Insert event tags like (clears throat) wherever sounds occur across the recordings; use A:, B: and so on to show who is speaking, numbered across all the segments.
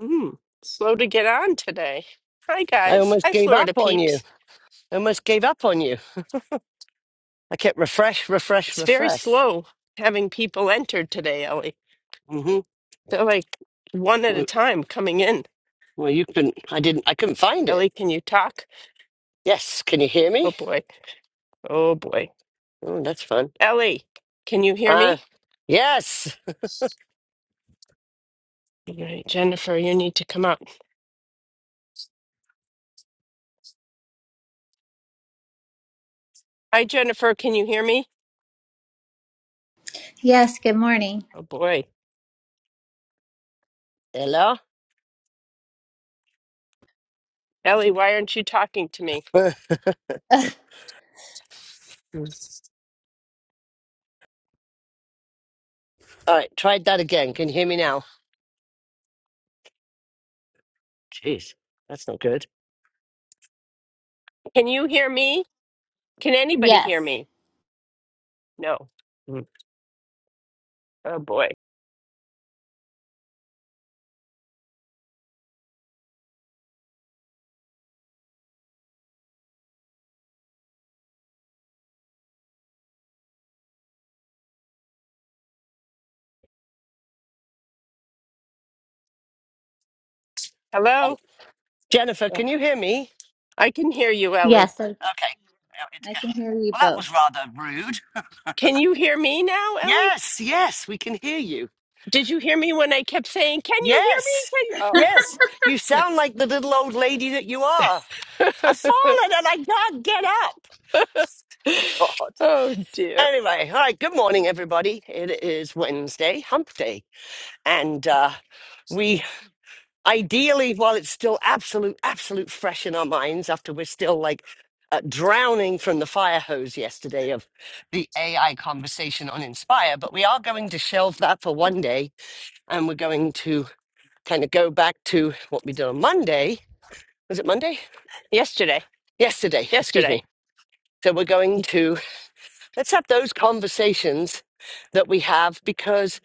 A: Mm, slow to get on today. Hi,
B: I
A: guys.
B: almost
A: Hi,
B: gave up
A: Florida
B: on you.
A: peeps.
B: I almost gave up on you. I kept refresh, refresh,
A: It's very
B: refresh.
A: slow having people entered today, Ellie.
B: hmm
A: They're like one at a
B: Well,
A: time coming in.
B: you couldn't. I didn't. I couldn't find it.
A: Ellie, can you talk?
B: Yes. Can you hear
A: Oh,
B: me?
A: boy. Oh, boy.
B: Oh, that's fun.
A: Ellie, can you hear
B: Ah,
A: me?
B: yes.
A: All right, Jennifer, you need to come up. Hi, Jennifer. Can you hear me?
C: Yes, good morning.
A: Oh, boy.
B: Hello.
A: Ellie, why aren't you talking to me?
B: Uh,
A: Mm.
B: all right. Tried that again. Can you hear me now? Jeez, that's not good.
A: Can you hear me? Can anybody hear
C: Yes,
A: me? No. Mm. Oh, boy.
B: Right.
A: Hello?
B: Jennifer, can you hear me?
A: I can hear you, Ellie.
C: Yes, I,
B: Okay. Well, it's
C: I
B: go-
C: can hear you
B: well, that
C: both.
B: was rather rude.
A: Can you hear me now, Ellie?
B: Yes. Yes. We can hear you.
A: Did you hear me when I kept saying, Can you
B: Yes.
C: (laughs) uh,
B: Yes. You sound like the little old lady that you are.
A: hear me? Can
B: I've fallen and I can't get up.
A: you? Oh,
B: God.
A: (laughs) oh dear.
B: Anyway, all right. Good morning, everybody. It is Wednesday, Hump Day, and uh, we ideally, while it's still absolute, absolute fresh in our minds, after we're still like uh, drowning from the fire hose yesterday of the AI conversation on Inspire, but we are going to shelve that for one day, and we're going to kind of go back to what we did on Monday. Was it Monday?
A: Yesterday,
B: Yesterday. Excuse
A: yesterday.
B: me. So we're going to. Let's have those conversations that we have because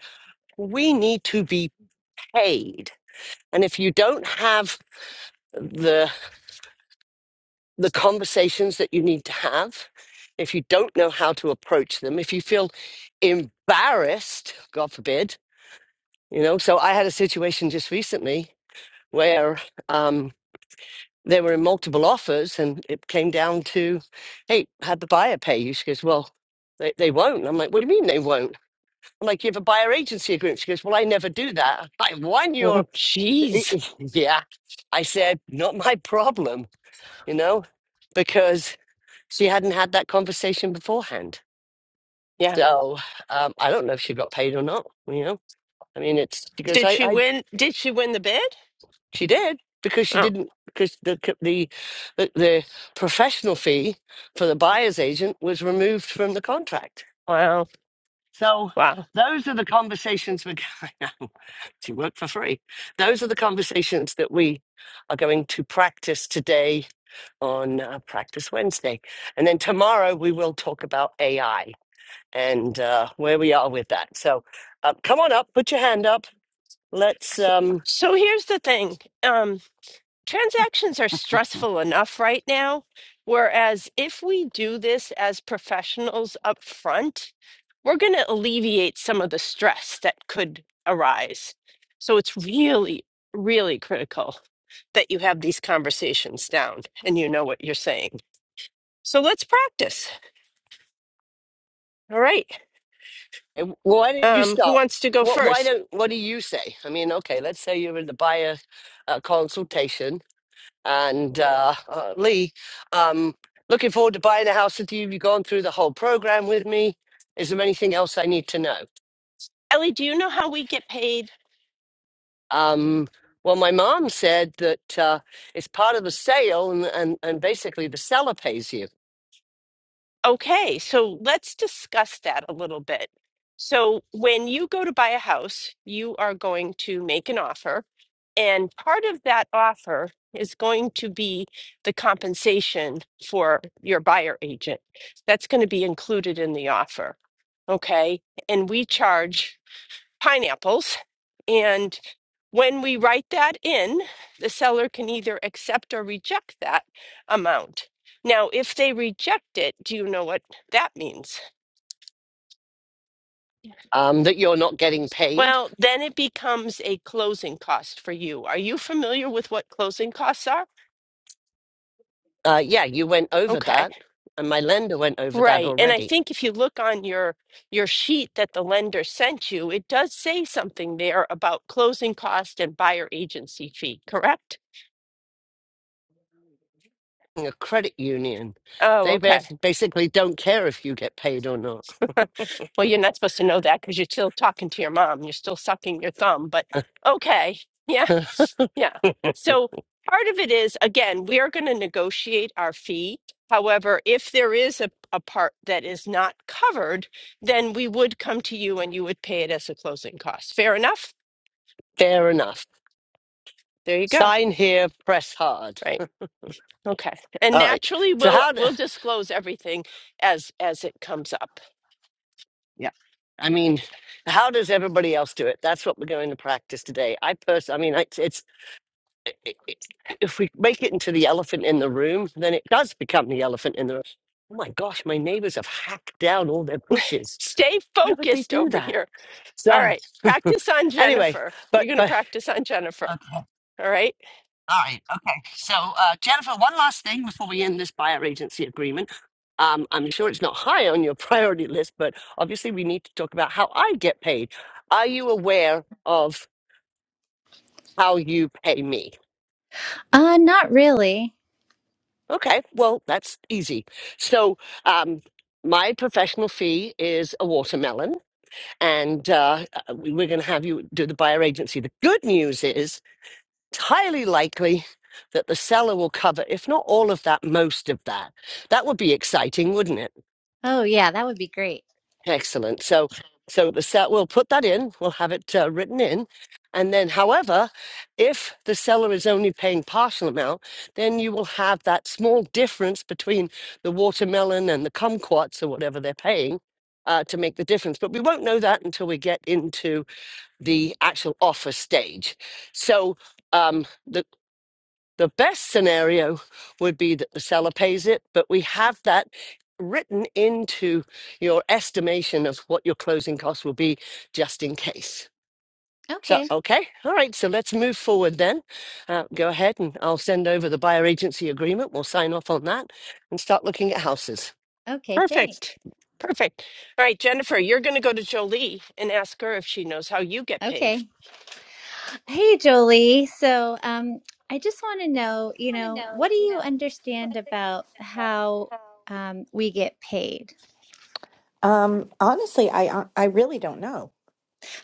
B: we need to be paid. And if you don't have the the conversations that you need to have, if you don't know how to approach them, if you feel embarrassed, God forbid, you know. So I had a situation just recently where um, they were in multiple offers, and it came down to, hey, had the buyer pay you? She goes, well, they, they won't. I'm like, what do you mean they won't? I'm like, you have a buyer agency agreement. She goes, Well, I never do that. I won your.
A: Oh, jeez.
B: (laughs) yeah. I said, Not my problem, you know, because she hadn't had that conversation beforehand.
A: Yeah.
B: So um, I don't know if she got paid or not, you know. I mean, it's because
A: Did
B: I,
A: she
B: I
A: win? Did she win the bid?
B: she did because she
A: Oh,
B: didn't because the c- the the the professional fee for the buyer's agent was removed from the contract.
A: wow.
B: So
A: Wow.
B: those are the conversations we're. (laughs) going. You work for free. Those are the conversations that we are going to practice today on uh, Practice Wednesday. And then tomorrow we will talk about AI and uh, where we are with that. So uh, come on up, put your hand up. Let's. Um,
A: So here's the thing. Um. transactions are stressful enough right now. Whereas if we do this as professionals up front, we're going to alleviate some of the stress that could arise. So it's really, really critical that you have these conversations down and you know what you're saying. So let's practice. All right.
B: Eh, Why not you
A: Um, who
B: start?
A: wants to go
B: What? Why
A: first?
B: don't? What do you say? I mean, okay, let's say you're in the buyer uh, consultation, and uh, uh, Lee, um, looking forward to buying a house with you. You've gone through the whole program with me. Is there anything else I need to know?
A: Ellie, do you know how we get paid?
B: Um, well, my mom said that uh, it's part of the sale, and, and and basically the seller pays you.
A: Okay, so let's discuss that a little bit. So, when you go to buy a house, you are going to make an offer, and part of that offer is going to be the compensation for your buyer agent. That's going to be included in the offer. Okay, and we charge pineapples. And when we write that in, the seller can either accept or reject that amount. Now, if they reject it, do you know what that means?
B: Um, that you're not getting paid.
A: Well, then it becomes a closing cost for you. Are you familiar with what closing costs are?
B: Uh, yeah, you went over
A: Okay.
B: that, and my lender went over that
A: Right. And I
B: already.
A: think if you look on your your sheet that the lender sent you, it does say something there about closing cost and buyer agency fee, correct?
B: In A credit union,
A: Oh,
B: they
A: okay.
B: bas- basically don't care if you get paid or not.
A: Well, you're not supposed to know that because you're still talking to your mom. You're still sucking your thumb, but
B: (laughs)
A: okay. (laughs) Yeah. Yeah. So part of it is, again, we are going to negotiate our fee. However, if there is a, a part that is not covered, then we would come to you and you would pay it as a closing cost. Fair enough?
B: Fair enough.
A: There you go.
B: Sign here, press hard.
A: Right. Okay. And
B: All right.
A: naturally
B: So
A: we'll
B: how? Do, (sighs)
A: we'll disclose everything as as it comes up.
B: yeah, I mean, how does everybody else do it? That's what we're going to practice today. I pers- I mean, it's, it's i i if we make it into the elephant in the room, then it does become the elephant in the room. Oh my gosh, my neighbors have hacked down all their bushes.
A: Stay
B: Why would they
A: focused
B: do
A: over
B: that?
A: here. All
B: So
A: right.
B: (laughs)
A: Practice on
B: anyway,
A: Jennifer.
B: but
A: You're going to
B: but
A: practice on Jennifer.
B: okay.
A: All right.
B: All right, okay. So uh, Jennifer, one last thing before we end this buyer agency agreement. Um, I'm sure it's not high on your (laughs) priority list, but obviously we need to talk about how I get paid. Are you aware of how you pay me?
C: not really.
B: Okay, well that's easy. So um, my professional fee is a watermelon, and uh, uh, we- we're going to have you do the buyer agency. The good news is It's highly likely that the seller will cover, if not all of that, most of that. That would be exciting, wouldn't it?
C: Oh, yeah, that would be great.
B: Excellent. So, so the set we'll put that in. We'll have it uh, written in, and then, however, if the seller is only paying partial amount, then you will have that small difference between the watermelon and the kumquats or whatever they're paying. Uh, to make the difference, but we won't know that until we get into the actual offer stage. So, um, the best scenario would be that the seller pays it, but we have that written into your estimation of what your closing costs will be just in case. So,
C: Okay,
B: okay. All right. So let's move forward then. Uh, go ahead and I'll send over the buyer agency agreement. We'll sign off on that and start looking at houses.
C: okay, thanks.
A: Perfect. Perfect. All right, Jennifer, you're going to go to Jolie and ask her if she knows how you get paid.
C: Okay. Hey, Jolie. So, um, I just want to know, you know, what do you understand about how um, we get paid?
D: Um, honestly, I uh, I really don't know.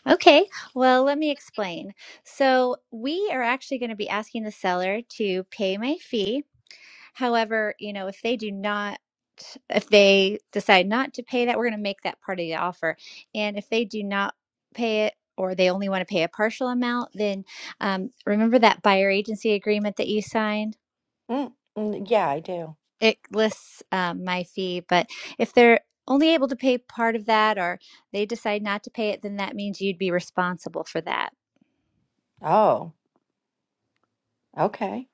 C: Okay, well, let me explain. So, we are actually going to be asking the seller to pay my fee. However, you know, if they do not, if they decide not to pay that, we're going to make that part of the offer. And if they do not pay it, or they only want to pay a partial amount, then um, remember that buyer agency agreement that you signed?
D: Mm, mm, yeah, I do.
C: It lists um, my fee, but if they're only able to pay part of that or they decide not to pay it, then that means you'd be responsible for that.
D: Oh, okay.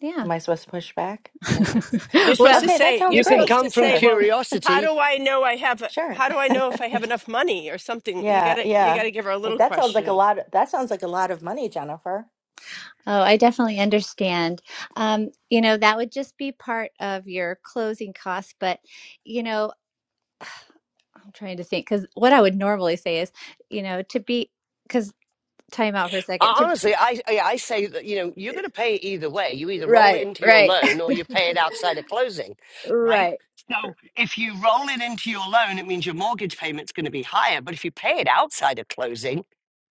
C: Yeah.
D: Am I supposed to push back or no?
A: You're
C: (laughs)
A: supposed to
C: Well,
D: Okay, that
A: say,
D: sounds
B: You
A: you're
B: can
D: great.
A: supposed to
B: come from
A: say,
D: Sure,
A: well, how
B: curiosity
A: do I know I have,
D: (laughs)
A: a-
D: sure.
A: how do I know if I have enough money or something? You got
D: Yeah,
A: to, you got
D: yeah.
A: to give her a
D: Like
A: little
D: that sounds like a
A: question.
D: lot. that sounds like a lot of money, Jennifer.
C: Oh, I definitely understand. Um, you know, that would just be part of your closing costs. But, you know, I'm trying to think because what I would normally say is, you know, to be, because time out for a second.
B: I-
C: To,
B: Honestly, I I I say that you know you're going to pay it either way. You either roll it
C: Right,
B: into your
C: right,
B: loan or you pay it outside of closing,
C: (laughs)
B: right?
C: right.
B: So if you roll it into your loan, it means your mortgage payment's going to be higher. But if you pay it outside of closing,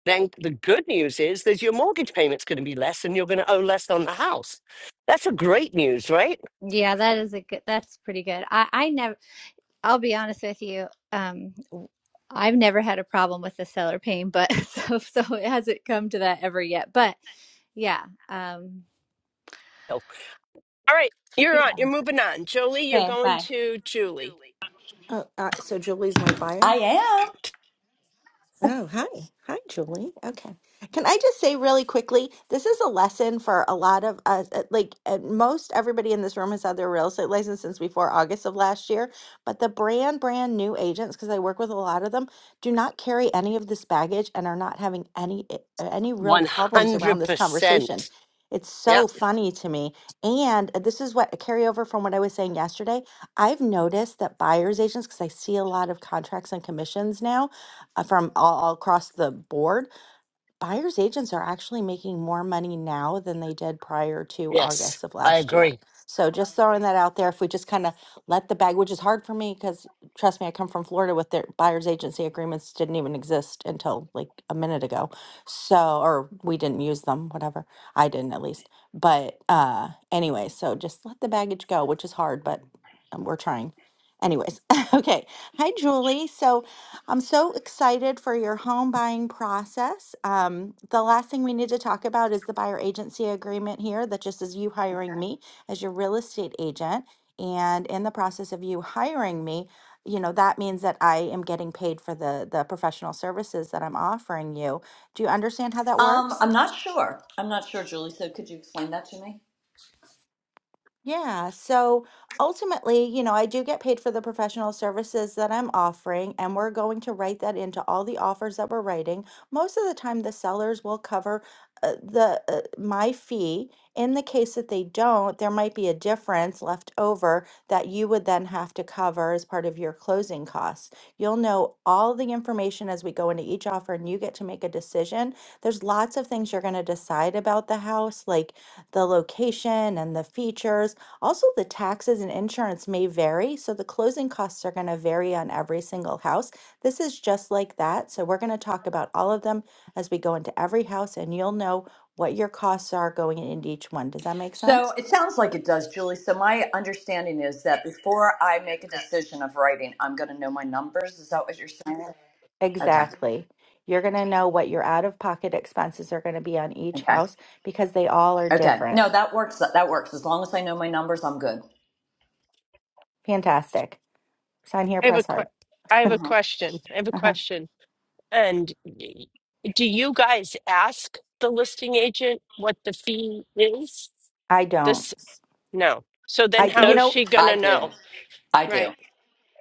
B: then the good news is that your mortgage payment's going to be less, and you're going to owe less on the house. That's a great news, right?
C: yeah, that is a good, that's pretty good. I, I never, I'll be honest with you. Um, w- I've never had a problem with the seller paying, but (laughs) so, so it hasn't come to that ever yet. But yeah. Um,
B: Oh,
A: All right. You're on,
C: yeah.
A: you're moving on. Jolie, you're
C: Okay,
A: going
C: bye.
A: to Julie.
D: Uh, uh, so Julie's my buyer.
E: I am.
D: Oh, hi. Hi, Julie. Okay. Can I just say really quickly, this is a lesson for a lot of us. uh, Like uh, most everybody in this room has had their real estate license since before August of last year, but the brand brand new agents because I work with a lot of them do not carry any of this baggage and are not having any i- uh, any real problems around this conversation.
B: 100%.
D: It's
B: Yeah.
D: so funny to me. And uh, this is what a carryover from what I was saying yesterday. I've noticed that buyer's agents, because I see a lot of contracts and commissions now, uh, from all, all across the board, buyers agents are actually making more money now than they did prior to
B: Yes,
D: August of
B: I
D: last year.
B: agree.
D: So just throwing that out there, if we just kind of let the bag, which is hard for me because trust me, I come from Florida with their buyers agency agreements didn't even exist until like a minute ago. So, or we didn't use them, whatever. I didn't at least. But uh anyway, so just let the baggage go, which is hard, but um, we're trying. Anyways, (laughs) okay. Hi, Julie. So I'm so excited for your home buying process. Um, the last thing we need to talk about is the buyer agency agreement here that just is you hiring me as your real estate agent. And in the process of you hiring me, you know, that means that I am getting paid for the the professional services that I'm offering you. Do you understand how that
E: Um,
D: works?
E: I'm not sure. I'm not sure, Julie. So could you explain that to me?
D: Yeah, so ultimately, you know, I do get paid for the professional services that I'm offering, and we're going to write that into all the offers that we're writing. Most of the time, the sellers will cover uh, the uh, my fee. In the case that they don't, there might be a difference left over that you would then have to cover as part of your closing costs. You'll know all the information as we go into each offer, and you get to make a decision. There's lots of things you're going to decide about the house, like the location and the features also, the taxes and insurance may vary, so the closing costs are going to vary on every single house. This is just like that. So, we're going to talk about all of them as we go into every house, and you'll know what your costs are going into each one. Does that make
E: So
D: sense?
E: it sounds like it does, Julie. So my understanding is that before I make a decision of writing, I'm going to know my numbers. Is that what you're saying? Okay.
D: Exactly. You're going to know what your out of pocket expenses are going to be on each
E: Okay.
D: house because they all are
E: Okay.
D: different.
E: No, that works. That works. As long as I know my numbers, I'm good.
D: Fantastic. Sign here,
A: I have a
D: press
A: que-
D: hard.
A: I have a
E: Mhm.
A: question. I have a
D: Uh-huh.
A: question. And do you guys ask the listing agent what the fee is?
D: I don't.
A: This, no. So then
D: I,
A: how
D: you
B: No,
A: is
D: know,
A: she
E: I
A: gonna
E: do.
A: know?
E: I do.
A: Right.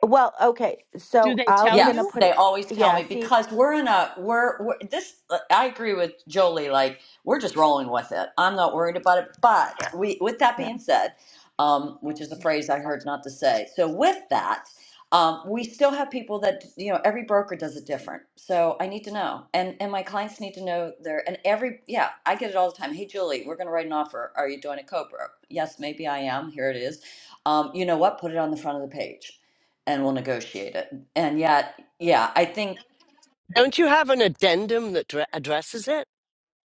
D: well, okay.
A: Do
D: So,
A: they tell
D: I'm going to
E: Yes,
A: you?
D: put
E: they
D: it,
E: always tell
D: yeah,
E: me
D: see.
E: because we're in a we're, we're this. I agree with Jolie. Like we're just rolling with it. I'm not worried about it. But we, with that
D: Yeah.
E: being said, um, which is a phrase I heard not to say. So with that, um, we still have people that you know. Every broker does it different. So I need to know, and and my clients need to know their and every yeah. I get it all the time. Hey Julie, we're going to write an offer. Are you doing a co-broke? Yes, maybe I am. Here it is. Um, you know what? Put it on the front of the page and we'll negotiate it. And yet, yeah, I think
B: don't you have an addendum that dra- addresses it?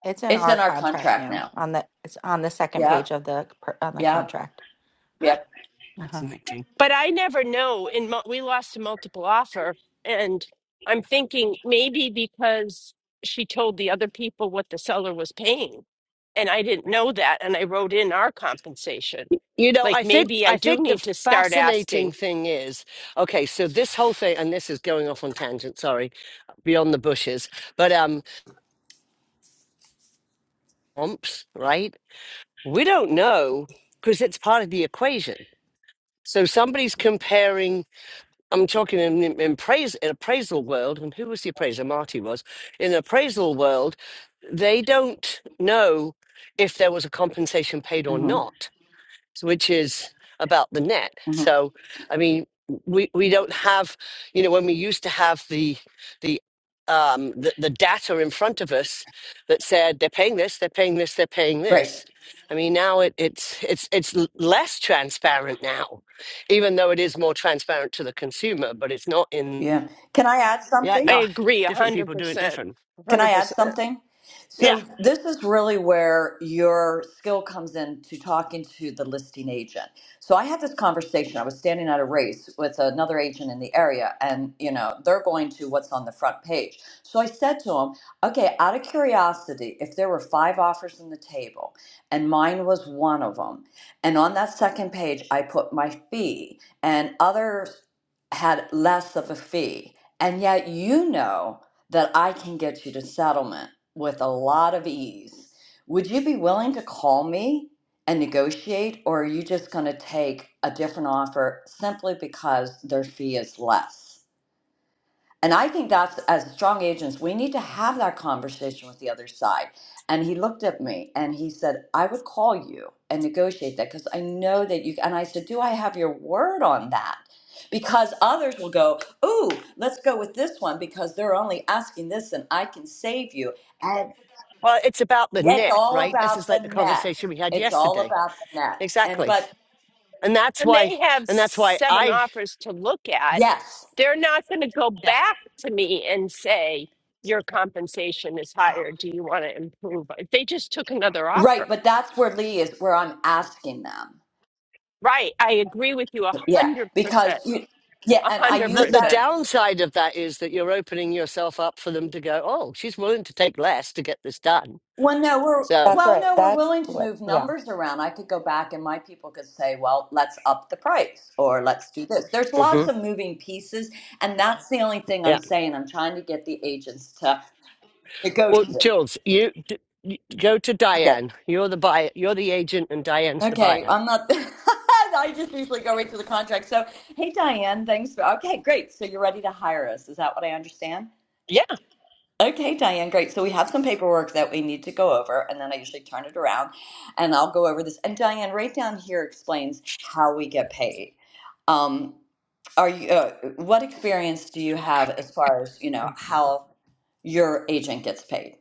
D: It's in
E: it's
D: our
E: in our
D: contract
E: contract
D: now.
E: now.
D: On the it's on the second
E: Yep,
D: page of the per- on the
E: yep,
D: contract.
B: (laughs)
E: yep.
D: Uh-huh.
B: Fascinating.
A: But I never know. In mul- we lost a multiple offer, and I'm thinking maybe because she told the other people what the seller was paying, and I didn't know that, and I wrote in our compensation.
B: You know,
A: Like
B: I think
A: maybe I
B: I
A: do
B: think
A: need
B: the
A: to start
B: fascinating
A: asking.
B: thing is okay. So this whole thing, and this is going off on tangent. Sorry, beyond the bushes, but um, umps, right? We don't know because it's part of the equation. So somebody's comparing. I'm talking in, in, in praise in appraisal world, and who was the appraiser? Marty was in the appraisal world. They don't know if there was a compensation paid or
E: Mm-hmm,
B: not which is about the net.
E: hmm
B: So, I mean, we we don't have, you know, when we used to have the the um the, the data in front of us that said they're paying this, they're paying this, they're paying
E: Great.
B: this. I mean, now it, it's it's it's l- less transparent now, even though it is more transparent to the consumer, but it's not in
E: Yeah. Can I add
B: yeah,
E: something?
A: I
B: no,
A: agree, a
B: different
A: hundred
B: people do it
A: percent,
B: different.
A: a
E: Can I
A: hundred percent.
E: add something?
B: Yeah.
E: So this is really where your skill comes in to talking to the listing agent. So I had this conversation. I was standing at a race with another agent in the area, and you know they're going to what's on the front page. So I said to him, "Okay, out of curiosity, if there were five offers on the table, and mine was one of them, and on that second page I put my fee and other had less of a fee. And yet, you know that I can get you to settlement with a lot of ease. Would you be willing to call me and negotiate, or are you just going to take a different offer simply because their fee is less? And I think that's as strong agents, we need to have that conversation with the other side. And he looked at me and he said, I would call you and negotiate that because I know that you. And I said, Do I have your word on that? Because others will go, Ooh, let's go with this one because they're only asking this and I can save you. And
B: Well, it's about the
E: it's
B: net,
E: all
B: right? This
E: about
B: is
E: the
B: like the
E: net.
B: conversation we had
E: It's all
B: yesterday.
E: about the net. And,
B: Exactly.
E: but
B: and that's
A: when
B: why
A: they have
B: and that's why
A: seven
B: i
A: offers to look at,
E: yes,
A: they're not going to go
B: yeah
A: back to me and say, Your compensation is higher. Do you want to improve? If They just took another
E: right.
A: offer.
E: But that's where Lee is, where I'm asking them.
A: Right. I agree with you a
E: Yeah,
A: 100%.
E: because you, yeah,
A: A
E: and I
B: the,
E: use
B: the
A: 100%.
E: that.
B: downside of that is that you're opening yourself up for them to go oh she's willing to take less to get this done
E: Well, no, we're
B: so
D: That's
E: well,
D: right.
E: no, we're
D: That's
E: willing to
D: what.
E: move
D: Yeah.
E: numbers around. I could go back, and my people could say, "Well, let's up the price," or "Let's do this." There's
B: hmm
E: lots of moving pieces, and that's the only thing I'm
B: yeah
E: saying. I'm trying to get the agents to
B: well
E: negotiate.
B: jules you, d- you go to
E: Okay,
B: diane you're the buyer you're the agent and diane's the
E: okay,
B: buyer
E: I'm not. (laughs) I just usually go right to the contract. So, hey, Diane, thanks. For, okay, great. So you're ready to hire us? Is that what I understand?
F: Yeah.
E: Okay, Diane, great. So we have some paperwork that we need to go over, and then I usually turn it around and I'll go over this. And Diane, right down here explains how we get paid. Um, are you, uh, what experience do you have as far as, you know,
F: n-
E: how your agent gets paid?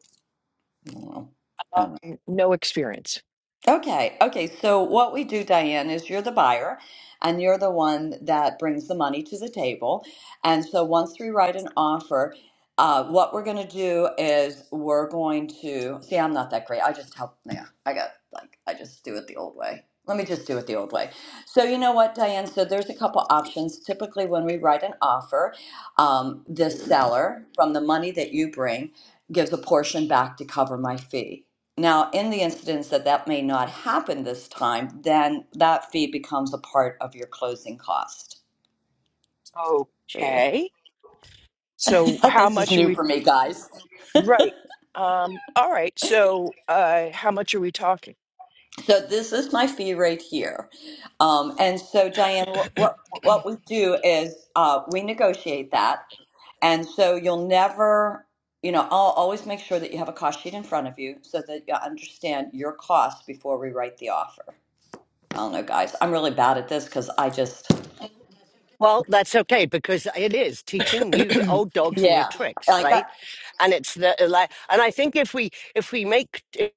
E: Well, I don't know.
F: No experience.
E: Okay, okay. So what we do, Diane, is you're the buyer and you're the one that brings the money to the table. And so once we write an offer, uh, what we're going to do is we're going to see, I'm not that great. I just help. Yeah, I got like, I just do it the old way. Let me just do it the old way. So, you know what, Diane? So, there's a couple options. Typically, when we write an offer, um, the seller, from the money that you bring, gives a portion back to cover my fee. Now, in the instance that that may not happen this time, then that fee becomes a part of your closing cost.
F: Okay.
E: (laughs)
F: So how
E: this is
F: much are
E: new
F: we?
E: for me, guys.
F: Right. Um, all right. So uh, how much are we talking?
E: So this is my fee right here. Um, and so, Diane, what
F: (coughs)
E: what we do is uh, we negotiate that, and so you'll never. You know, I'll always make sure that you have a cost sheet in front of you so that you understand your costs before we write the offer. I don't know, guys. I'm really bad at this because I just,
B: well that's okay because it is teaching new d- old
F: (clears throat)
B: dogs new
E: yeah,
B: tricks
E: like, I
B: right and it's the like and i think if we if we make t-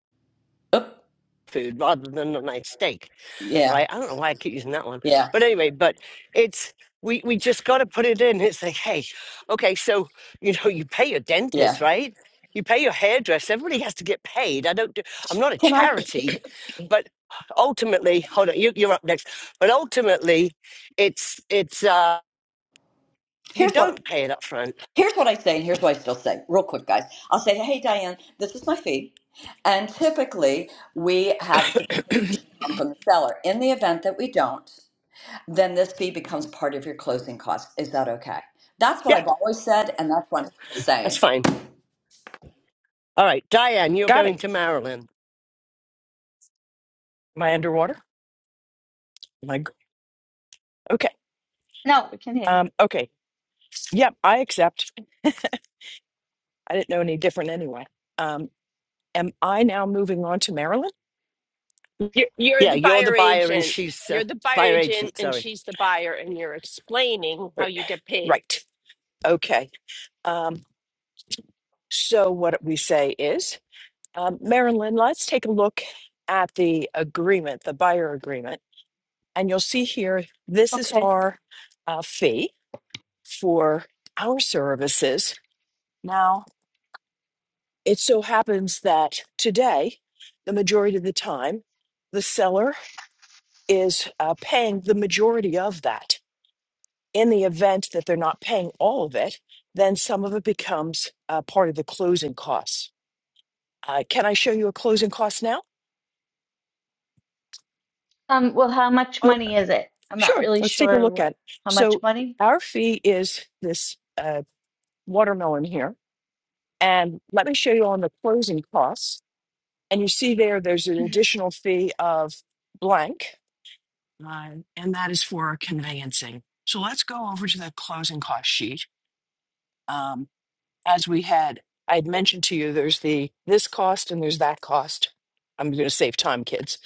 E: got, oop,
B: food rather than a nice steak
E: yeah.
B: right? I don't know why I keep using that one,
E: Yeah,
B: but anyway, but it's we we just got to put it in. It's like, hey, okay, so you know, you pay your
E: yeah.
B: dentist, right? You pay your hairdresser. Everybody has to get paid. I don't. Do, I'm not a
E: Can I?
B: charity, but ultimately, hold on, you, you're up next. But ultimately, it's it's. uh you
E: Here's what
B: don't pay it up front.
E: here's what I say, and here's what I still say. Real quick, guys. I'll say, hey, Diane, this is my fee, and typically we have the compensation come from the seller. In the event that we don't, then this fee becomes part of your closing costs. Is that okay? That's what
B: Yeah,
E: I've always said, and that's what I'm still
B: that's
E: saying.
B: fine. All right, Diane, you're
F: Got
B: going
F: it.
B: to Maryland.
F: Am I underwater? Am I g- okay?
G: No, we can hear you.
F: Um, okay. Yep, I accept. I didn't know any different anyway. Um, am I now moving on to Maryland?
A: You're, you're
B: Yeah,
A: the
B: you're the
A: buyer
B: buyer and
A: agent.
B: she's uh,
A: You're the buyer
B: buyer
A: agent,
B: agent.
A: and
B: Sorry.
A: she's the buyer, and you're explaining
F: R-
A: how you get paid.
F: Right. Okay. Um, so what we say is, um, Marilyn, let's take a look at the agreement, the buyer agreement, and you'll see here this is
G: Okay.
F: our uh, fee for our services. Now, it so happens that today, the majority of the time, the seller is uh, paying the majority of that. in the event that they're not paying all of it, then some of it becomes uh, part of the closing costs. Uh, can I show you a closing cost now?
G: Um, well, how much
F: Oh,
G: money is it? I'm not
F: sure.
G: really
F: Let's take a
G: sure
F: look at
G: what,
F: it.
G: how much
F: So
G: money?
F: our fee is this uh, watermelon here, and let me show you on the closing costs. And you see there, there's an
G: hmm
F: additional fee of blank, uh, and that is for conveyancing. So let's go over to the closing cost sheet. Um, as we had i'd mentioned to you there's the this cost and there's that cost i'm going to save time kids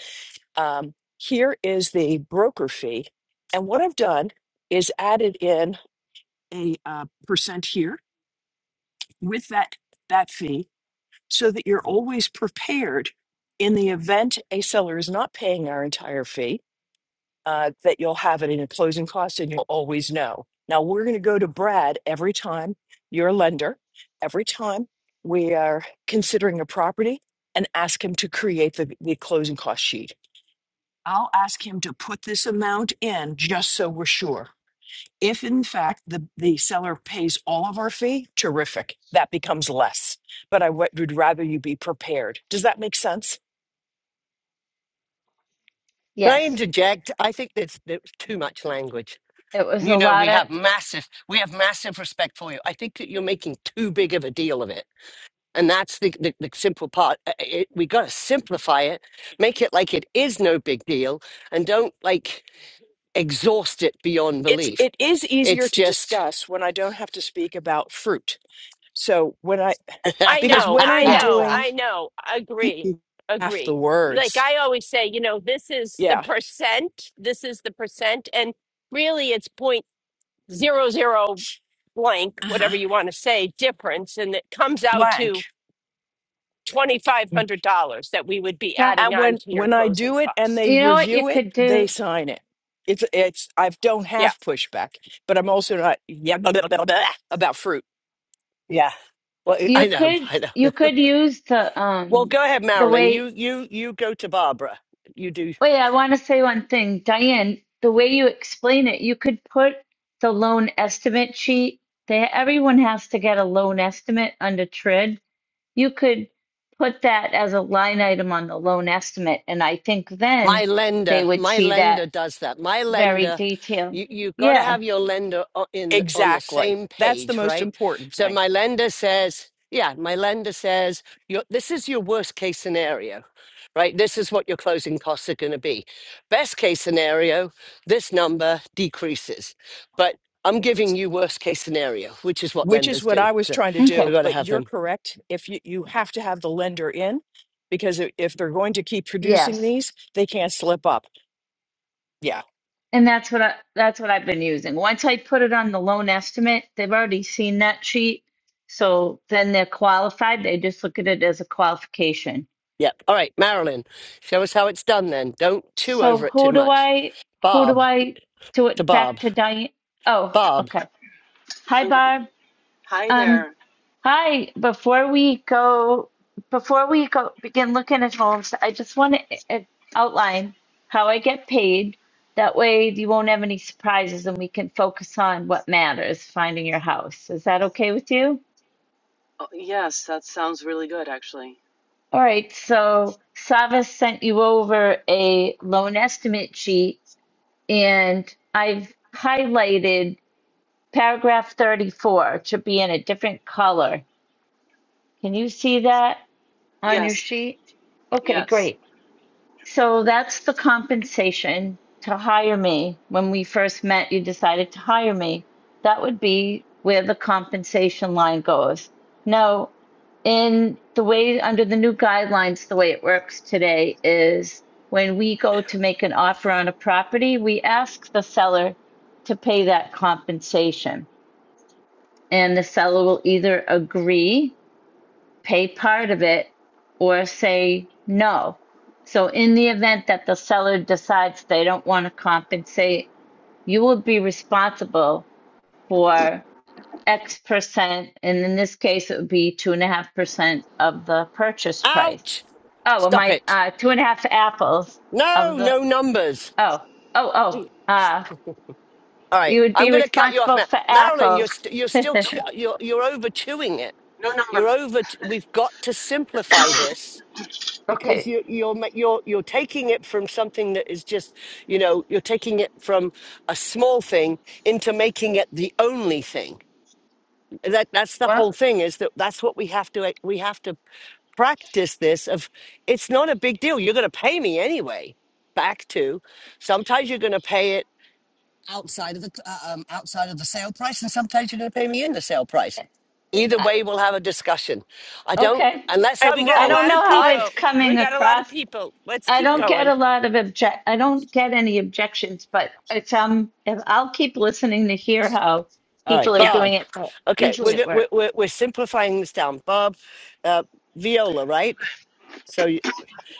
F: um, here is the broker fee and what i've done is added in a uh, percent here with that that fee so that you're always prepared in the event a seller is not paying our entire fee uh, that you'll have it in your closing costs and you'll always know. Now, we're going to go to Brad every time you're a lender, every time we are considering a property and ask him to create the, the closing cost sheet. I'll ask him to put this amount in just so we're sure. If in fact the, the seller pays all of our fee, terrific. That becomes less. But I w- would rather you be prepared. Does that make sense?
B: Can I
G: Yes,
B: interject? I think there's, there's too much language.
G: it was
B: You
G: a
B: know, we
G: lot of,
B: have massive, we have massive respect for you. I think that you're making too big of a deal of it. And that's the, the, the simple part. Uh, uh, It, we got to simplify it, make it like it is no big deal, and don't like exhaust it beyond
F: It's
B: belief.
F: it is easier
B: It's
F: to
B: just,
F: discuss when I don't have to speak about fruit. So when I
B: (laughs)
A: I
F: because
A: know,
F: when I
A: I
F: am
G: yes.
A: know,
F: doing
A: I know. Agree,
F: half the
A: agree. Like
F: words,
A: I always say, you know, this is the
F: yeah,
A: percent, this is the percent, and really it's point zero zero blank,
F: uh-huh.
A: whatever you want to say, difference, and it comes out
F: blank.
A: to twenty five
F: And
A: hundred dollars that we would be
G: That,
A: adding on
F: when
A: to your
F: when I
A: closing
F: do it and
A: cost.
F: they
G: you know what you
F: review it,
G: could
F: they
G: do?
F: sign it. It's it's I don't
A: Yeah.
F: have pushback, but I'm also not yeah blah, blah, blah, blah, about fruit.
B: yeah. Well,
G: You
B: I know,
G: could,
B: I know.
G: you could use the,
B: Well,
G: um,
B: go ahead,
G: the
B: Marilyn.
G: way,
B: You, you, you go to Barbara. You do
G: wait, I want to say one thing. Diane, the way you explain it, you could put the loan estimate sheet there. Everyone has to get a loan estimate under TRID. you could put that as a line item on the loan estimate, and I think then
B: My
G: they
B: lender,
G: would
B: my
G: see that
B: lender does that. My
G: very
B: lender,
G: detailed.
B: you you got to
G: Yeah,
B: have your lender o- in on the
F: Exactly.
B: same
F: That's the
B: page,
F: most
B: right?
F: important
B: So
F: thing.
B: my lender says, yeah, my lender says, your, this is your worst case scenario, right? This is what your closing costs are going to be. Best case scenario, this number decreases, but I'm giving you worst case scenario, which is what
F: which is
B: lenders
F: what
B: do.
F: I was
B: So
F: trying to
B: we
F: do.
G: okay,
B: got to
F: But
B: have
F: you're
B: them.
F: correct. If you, you have to have the lender in, because i- if they're going to keep producing
G: yes.
F: these, they can't slip up. Yeah.
G: And that's what I, that's what I've been using. Once I put it on the loan estimate, they've already seen that sheet. So then they're qualified. They just look at it as a qualification.
B: Yep. All right, Marilyn, show us how it's done then. Don't chew
G: So
B: over it
G: who
B: too
G: do
B: much.
G: I, who
B: Bob.
G: do I do
B: to
G: it back
B: Bob.
G: to Diane? Oh,
B: Bob,
G: okay. Hi,
H: Okay.
G: Barb.
H: Hi
G: Um.
H: there.
G: Hi, before we go, before we go begin looking at homes, I just want to uh, outline how I get paid. That way you won't have any surprises and we can focus on what matters, finding your house. Is that okay with you?
H: Oh, yes, that sounds really good, actually.
G: All right, so Savas sent you over a loan estimate sheet and I've highlighted paragraph 34 to be in a different color. Can you see that on your
H: Yes,
G: sheet? Okay,
H: yes.
G: great. So that's the compensation to hire me. When we first met, you decided to hire me. That would be where the compensation line goes. Now, in the way under the new guidelines, the way it works today is when we go to make an offer on a property, we ask the seller to pay that compensation, and the seller will either agree pay part of it or say no. So, in the event that the seller decides they don't want to compensate, you will be responsible for X percent. And in this case, it would be two and a half percent of the purchase price.
B: ouch!
G: Oh, am
B: Stop
G: I
B: it.
G: uh, two and a half apples
B: No,
G: of the?
B: no numbers.
G: Oh, oh, oh. Uh,
B: All right,
G: you would be
B: I'm going to cut you off,
G: responsible
B: Mar-
G: for
B: Marilyn. You're
G: apples.
H: Oops,
B: st- you're still chew-
H: no,
B: you're you're over chewing it.
H: no
B: You're
H: number.
B: over. T- we've got to simplify this
G: (laughs)
B: because
G: okay.
B: you you're ma- you're you're taking it from something that is just you know you're taking it from a small thing into making it the only thing. That that's the
G: Well,
B: whole thing is that that's what we have to we have to practice this of it's not a big deal. You're going to pay me anyway. Back to sometimes you're going to pay it outside of the uh, um, outside of the sale price, and sometimes you're going to pay me in the sale price. Either
G: I-
B: way, we'll have a discussion. I don't
G: okay.
B: unless
A: All right, we
B: I'm
A: got
G: I
A: a
B: wrong.
G: don't
A: lot
G: know
A: of
G: how
B: I
G: it's
A: people. We
G: coming
A: got a lot of
G: across,
A: people. Let's
G: I
A: keep
G: don't
B: yeah.
G: get
A: going.
G: a lot of object. I don't get any objections, but it's um. If I'll keep listening to hear how
B: All right,
G: people are
A: Yeah,
B: Bob.
G: doing it, but
B: Okay,
G: usually
B: we're
G: it
B: go-
G: works.
B: we're we're, we're simplifying this down. Bob, uh, Viola, right? So y-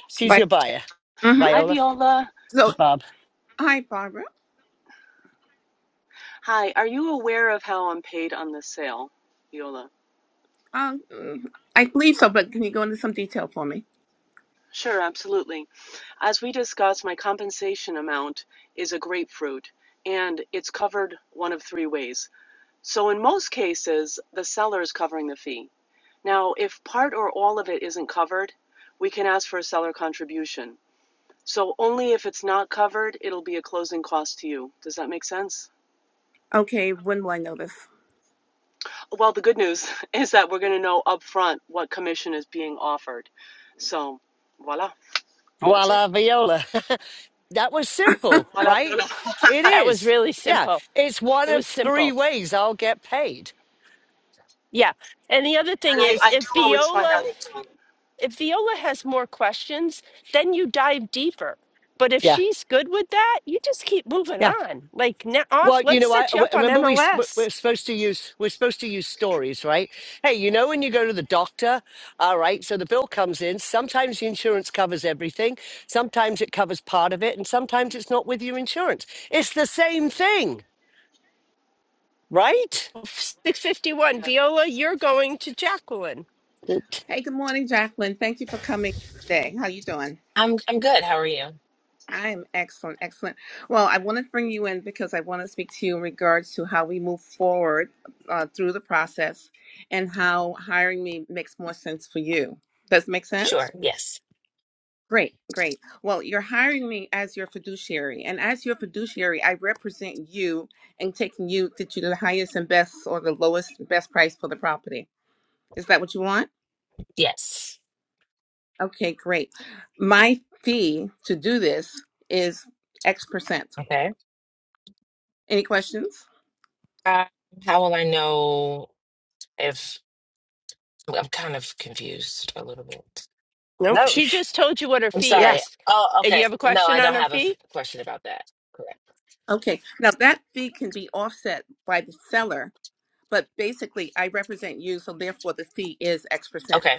B: she's
I: Viola.
B: your buyer,
I: Mm-hmm.
H: Hi,
B: Viola.
H: Viola.
I: So,
B: Bob.
I: hi, Barbara.
H: Hi. Are you aware of how I'm paid on this sale, Viola?
I: Um, mm, I believe so, but can you go into some detail for me?
H: Sure, absolutely. As we discussed, my compensation amount is a grapefruit, and it's covered one of three ways. So, in most cases, the seller is covering the fee. Now, if part or all of it isn't covered, we can ask for a seller contribution. So only if it's not covered, it'll be a closing cost to you. Does that make sense?
I: Okay, when will I know this?
H: Well, the good news (laughs) is that we're going to know upfront what commission is being offered. So voila, that's it.
B: Voila, Viola. (laughs) That was simple,
H: Voila,
B: right?
H: Fiona. (laughs)
B: It
H: and
A: that was
B: is.
A: really
B: Yeah.
A: simple.
B: It's one
A: It
B: of
A: was
B: three
A: simple.
B: ways I'll get paid.
A: Yeah. And the other thing
H: I,
A: is,
H: I do
A: if
H: always find
A: Viola
H: out upfront.
A: if Viola has more questions, then you dive deeper. But if
B: Yeah.
A: she's good with that, you just keep moving
B: Yeah.
A: on. Like now off,
B: Well, you
A: let's
B: know, I
A: set you
B: w-
A: up on
B: remember we s- w-
A: MLS.
B: we're supposed to use we're supposed to use stories, right? Hey, you know when you go to the doctor, all right? So the bill comes in. Sometimes the insurance covers everything. Sometimes it covers part of it, and sometimes it's not with your insurance. It's the same thing, right?
A: 651,
H: Yeah.
A: Viola, you're going to Jacqueline.
B: It-
I: Hey, good morning, Jacqueline. Thank you for coming today. How you doing?
J: I'm I'm good. How are you?
I: I am excellent, excellent. Well, I want to bring you in because I want to speak to you in regards to how we move forward uh, through the process and how hiring me makes more sense for you. Does it make sense?
J: Sure. Yes.
I: Great, great. Well, you're hiring me as your fiduciary, and as your fiduciary, I represent you and taking you to do the highest and best or the lowest and best price for the property. Is that what you want?
J: Yes.
I: Okay, great. My fee to do this is X percent.
J: Okay.
I: Any questions?
J: Uh, how will I know if I'm kind of confused a little bit?
A: Nope,
B: No.
A: she
B: sh-
A: just told you what her
J: I'm
A: fee
B: Yeah.
J: sorry.
A: is.
J: Oh,
A: And you
J: okay.
A: have a
J: No, I
A: question
J: don't
A: on her
J: have a f-
A: fee? (laughs)
J: question about that. Correct.
I: Okay, now that fee can be offset by the seller, but basically I represent you, so therefore the fee is X percent.
J: Okay.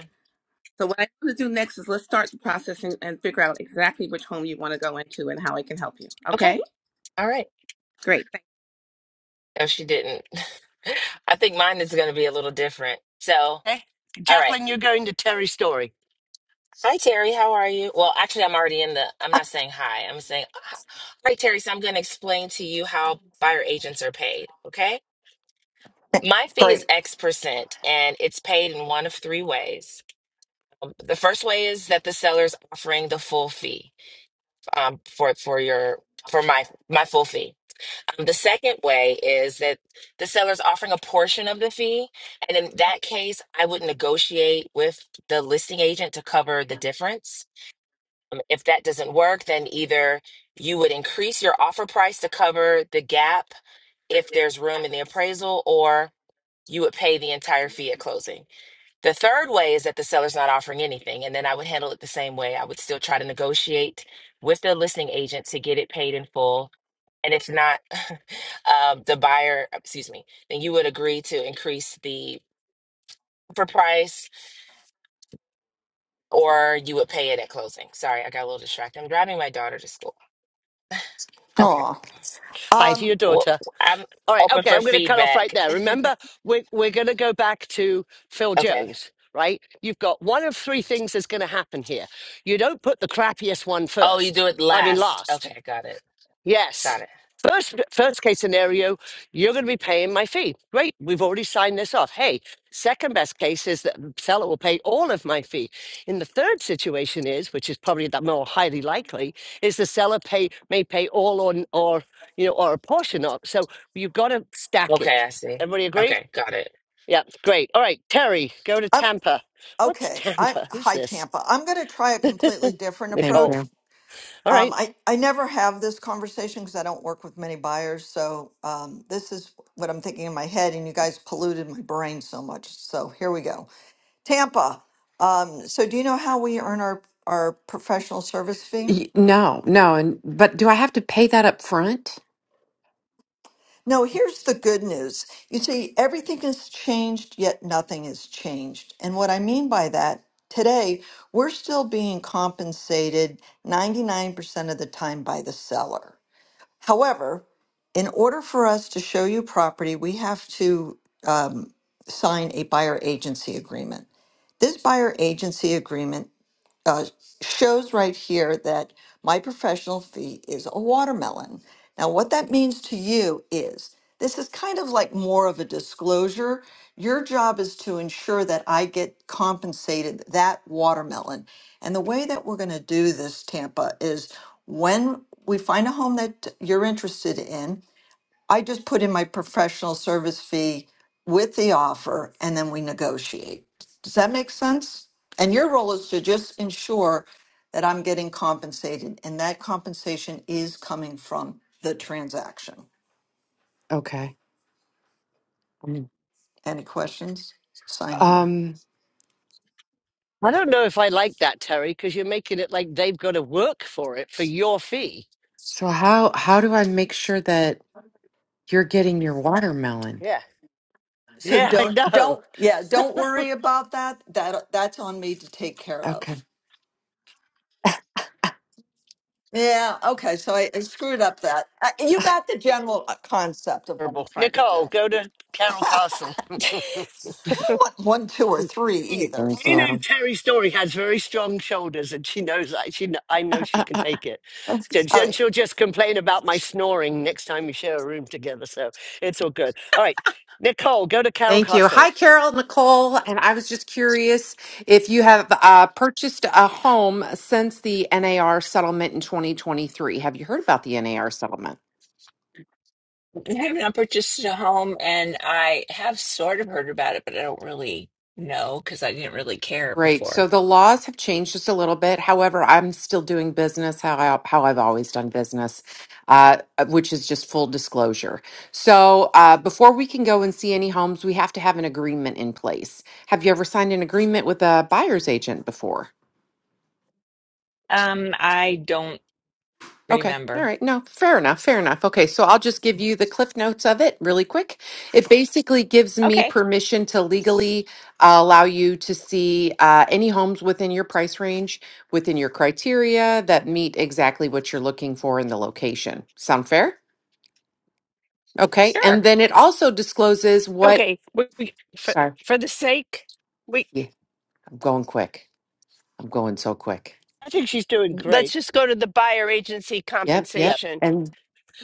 I: So what I want to do next is let's start the process and, and figure out exactly which home you want to go into and how I can help you. Okay,
J: Okay. All right.
I: great.
J: No, she didn't. (laughs) I think mine is going to be a little different. So,
B: Hey,
J: all right.
B: Jacqueline, you're going to Terry's story.
J: Hi, Terry. How are you? Well, actually, I'm already in the, I'm not saying hi. I'm saying, hi, Terry. So I'm going to explain to you how buyer agents are paid. Okay. My fee is
K: Great.
J: X percent, and it's paid in one of three ways. Um, The first way is that the seller's offering the full fee um, for for your for my my full fee. Um, the second way is that the seller's offering a portion of the fee, and in that case, I would negotiate with the listing agent to cover the difference. Um, if that doesn't work, then either you would increase your offer price to cover the gap if there's room in the appraisal, or you would pay the entire fee at closing. The third way is that the seller's not offering anything, and then I would handle it the same way. I would still try to negotiate with the listing agent to get it paid in full. And if not, (laughs) um, the buyer, excuse me, then you would agree to increase the offer price or you would pay it at closing. Sorry, I got a little distracted. I'm driving my daughter to school. Okay.
K: Oh,
B: Hi to
K: um,
B: your
J: Well,
B: daughter.
J: I'm
B: All right,
J: open
B: okay, I'm
J: for
B: going to cut off right
J: feedback.
B: there.
J: (laughs)
B: Remember, we're, we're going to go back to Phil
J: okay.
B: Jones, right? You've got one of three things that's going to happen here. You don't put the crappiest one
J: Oh, you
B: first,
J: do it
B: I mean,
J: last.
B: last.
J: Okay, got it. Got
B: Yes.
J: it.
B: First, first case scenario, you're going to be paying my fee. Great, we've already signed this off. Hey, second best case is that the seller will pay all of my fee. In the third situation is, which is probably the more highly likely, is the seller pay may pay all on or you know or a portion of. So you've got to stack
J: Okay,
B: it.
J: I see.
B: Everybody agree?
J: Okay, got it.
B: Yeah, great. All right, Terry, go to
K: I'm
B: Tampa. What's
K: okay. I
B: Tampa? Who's
K: hi
B: this?
K: Tampa. I'm going to try a completely different
L: Thank
B: Nicole.
K: approach.
L: you.
B: All
K: Um,
B: right.
K: I I never have this conversation because I don't work with many buyers. So um, this is what I'm thinking in my head, and you guys polluted my brain so much. So here we go. Tampa. Um, so do you know how we earn our our professional service fee?
L: Y- No, no, and but do I have to pay that up front?
K: No, here's the good news. You see, everything has changed, yet nothing has changed. And what I mean by that, today, we're still being compensated 99% of the time by the seller. However, in order for us to show you property, we have to um, sign a buyer agency agreement. This buyer agency agreement uh, shows right here that my professional fee is a watermelon. Now, what that means to you is this is kind of like more of a disclosure. Your job is to ensure that I get compensated that watermelon. And the way that we're going to do this, Tampa, is when we find a home that you're interested in, I just put in my professional service fee with the offer and then we negotiate. Does that make sense? And your role is to just ensure that I'm getting compensated and that compensation is coming from the transaction.
L: Okay. Mm.
K: Any questions? Sign here.
L: Um,
B: I don't know if I like that, Terry, because you're making it like they've got to work for it for your fee.
L: so how how do I make sure that you're getting your watermelon?
B: Yeah.
K: So
B: Yeah, I
K: don't
B: know.
K: don't yeah, don't worry about that. That that's on me to take care
L: Okay.
K: of. Yeah, okay. So I, I screwed up that. Uh, You got the general uh, concept of what I'm
B: Terrible.
K: trying to
B: Nicole, go
K: do.
B: to Carol
K: (laughs)
B: Castle.
K: I don't want one, two, or three
B: Hey,
K: either.
L: Thank
B: I
K: So,
B: know
L: you.
B: Terry Story has very strong shoulders, and she knows that. She, kn- I know she can take it.
L: (laughs)
B: Then
K: oh,
B: then she'll just complain about my snoring next time we share a room together. So it's all good. All right, Nicole, go to Carol
L: Thank you.
B: Castle.
L: Hi, Carol, Nicole. And I was just curious if you have uh, purchased a home since the NAR settlement in 2023. Have you heard about the NAR settlement?
M: I have not purchased a home and I have sort of heard about it, but I don't really know because I didn't really care
L: Great.
M: before.
L: So the laws have changed just a little bit. However, I'm still doing business how I, how I've always done business, uh, which is just full disclosure. So uh, before we can go and see any homes, we have to have an agreement in place. Have you ever signed an agreement with a buyer's agent before?
M: Um, I don't
L: Okay. All
M: remember.
L: right. No, fair enough. Fair enough. Okay. So I'll just give you the cliff notes of it really quick. It basically gives me
M: Okay,
L: permission to legally uh, allow you to see uh, any homes within your price range, within your criteria that meet exactly what you're looking for in the location. Sound fair? Okay. And
M: sure.
L: then it also discloses what.
A: Okay, we, we- for,
L: Sorry.
A: for the sake, we
L: Yeah, I'm going quick. I'm going so quick.
B: I think she's doing
A: let's
B: great.
A: just go to the buyer agency
L: Yep.
B: Yeah,
A: compensation.
L: Yep.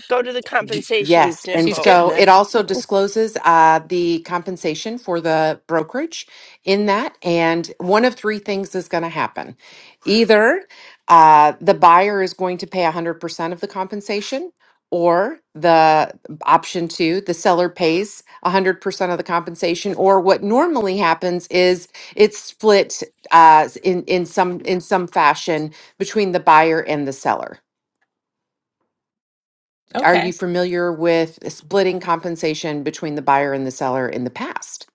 A: Go to the compensation,
L: Yes. And
B: she's
A: Nicole.
B: getting
L: so it
B: there.
L: also discloses uh, the compensation for the brokerage in that. And one of three things is going to happen. Either uh, the buyer is going to pay 100% of the compensation, or the option two, the seller pays 100% of the compensation. Or what normally happens is it's split uh, in, in, some, in some fashion between the buyer and the seller. Are you
M: Okay.
L: familiar with splitting compensation between the buyer and the seller in the past?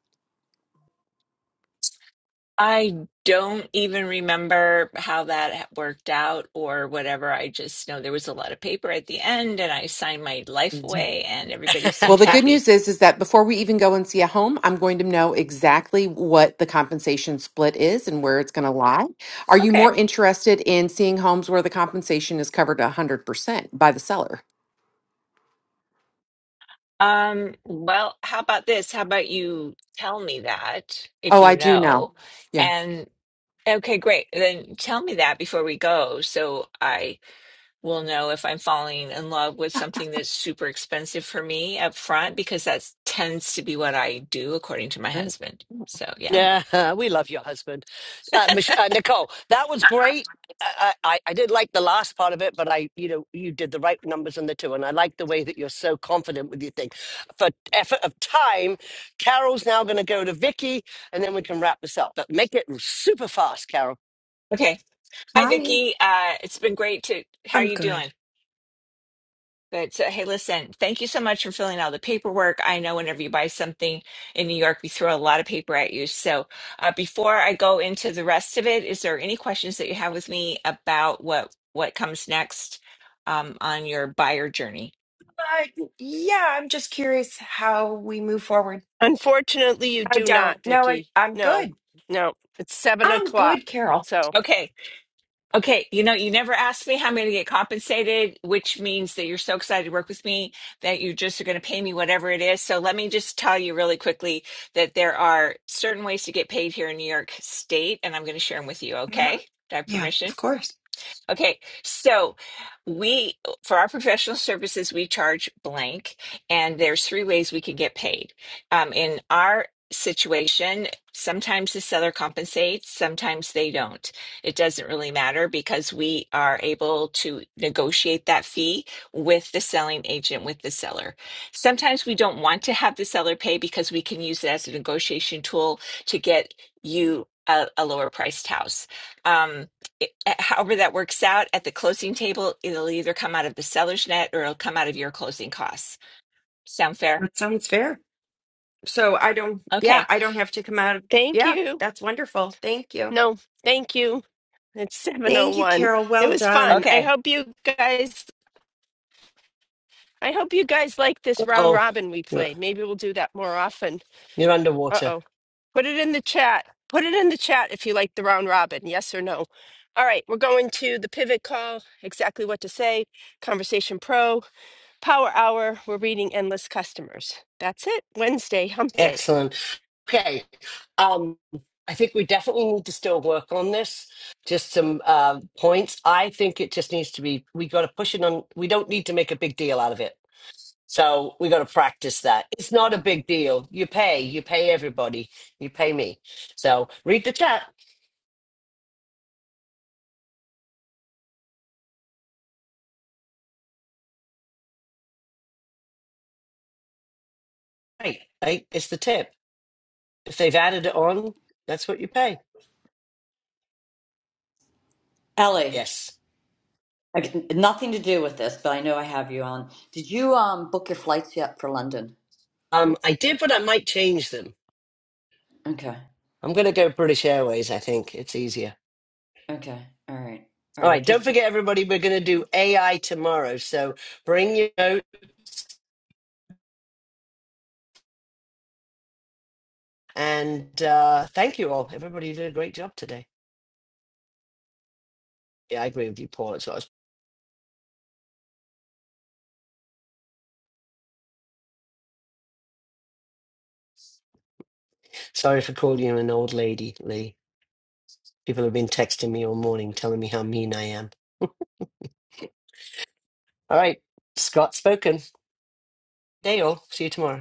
M: I don't even remember how that ha- worked out or whatever. I just know there was a lot of paper at the end and I signed my life
L: Mhm.
M: away and everybody
L: Well,
M: seemed
B: (laughs)
L: the good
M: happy.
L: news is is that before we even go and see a home, I'm going to know exactly what the compensation split is and where it's going to lie. Are you
M: Okay.
L: more interested in seeing homes where the compensation is covered 100% by the seller?
M: Um, well, how about this? How about you tell me that if
L: Oh, I
M: you
L: do now.
M: know?
L: Yeah.
M: and. Okay, great. Then tell me that before we go, so I will know if I'm falling in love with something that's super expensive for me up front, because that tends to be what I do, according to my
L: Great.
M: husband. So yeah.
B: Yeah, (laughs) we love your husband, uh, Mich- uh, Nicole. That was great. I, I I did like the last part of it, but I you know you did the right numbers on the two, and I like the way that you're so confident with your thing. For effort of time, Carol's now going to go to Vicky, and then we can wrap this up. But make it super fast, Carol.
M: Okay. Hi,
N: Hi,
M: Vicky. Uh, it's been great to. How are
N: I'm
M: you doing?
N: good.
M: But So, hey, listen, thank you so much for filling out the paperwork. I know whenever you buy something in New York, we throw a lot of paper at you. So, uh, before I go into the rest of it, is there any questions that you have with me about what what comes next um, on your buyer journey?
N: Uh, yeah, I'm just curious how we move forward.
A: Unfortunately, you
N: I
A: do
N: don't.
A: not,
N: No, I,
A: Vicky.
N: I'm
A: No,
N: good.
A: no, it's seven
N: I'm good,
A: o'clock.
N: Carol.
A: So
M: Okay. Okay, you know, you never asked me how I'm going to get compensated, which means that you're so excited to work with me that you just are going to pay me whatever it is. So let me just tell you really quickly that there are certain ways to get paid here in New York State, and I'm going to share them with you. Okay,
N: hmm
M: do I have
N: Yeah,
M: permission?
N: of course.
M: Okay, so we, for our professional services, we charge blank, and there's three ways we can get paid. Um, in our situation, sometimes the seller compensates, sometimes they don't. It doesn't really matter because we are able to negotiate that fee with the selling agent, with the seller. Sometimes we don't want to have the seller pay because we can use it as a negotiation tool to get you a, a lower priced house. Um, it- however that works out at the closing table, it'll either come out of the seller's net or it'll come out of your closing costs. Sound fair?
N: That sounds fair. So I don't, yeah,
M: Okay.
N: I don't have to come out of,
A: thank
N: yeah,
A: you.
N: that's wonderful. Thank you.
A: No, thank you. It's seven oh
N: Thank you,
A: one.
N: Carol.
A: It
N: Well
A: was
N: done.
A: fun. I
M: Okay.
A: hope you guys. I hope you guys like this round
B: Oh,
A: robin we
B: you're
A: played. Maybe we'll do that more often.
B: you're
A: Uh
B: underwater.
A: oh. Put it in the chat. Put it in the chat if you like the round robin, yes or no. All right, we're going to the pivot call, exactly what to say, Conversation Pro. Power Hour, we're reading Endless Customers. That's it. Wednesday, hump day.
B: Excellent. Okay. Um, I think we definitely need to still work on this. Just some uh, points. I think it just needs to be, we got to push it on. We don't need to make a big deal out of it. So we got to practice that. It's not a big deal. You pay, you pay everybody, you pay me. So read the chat. Right. Right. It's the tip. If they've added it on, that's what you pay.
E: Ellie,
B: Yes.
E: I, nothing to do with this, but I know I have you on. Did you um book your flights yet for London?
B: Um, I did, but I might change them.
E: Okay,
B: I'm going to go British Airways. I think it's easier.
E: okay, all right, all
B: All
E: right. I
B: right, don't
E: just
B: forget, everybody, we're going to do AI tomorrow. So bring your note and uh, thank you all. Everybody did a great job today. Yeah, I agree with you, Paul. It's, it's- sorry for calling you an old lady, Lee. People have been texting me all morning telling me how mean I am. All right, Scott spoken. Day all. See you tomorrow.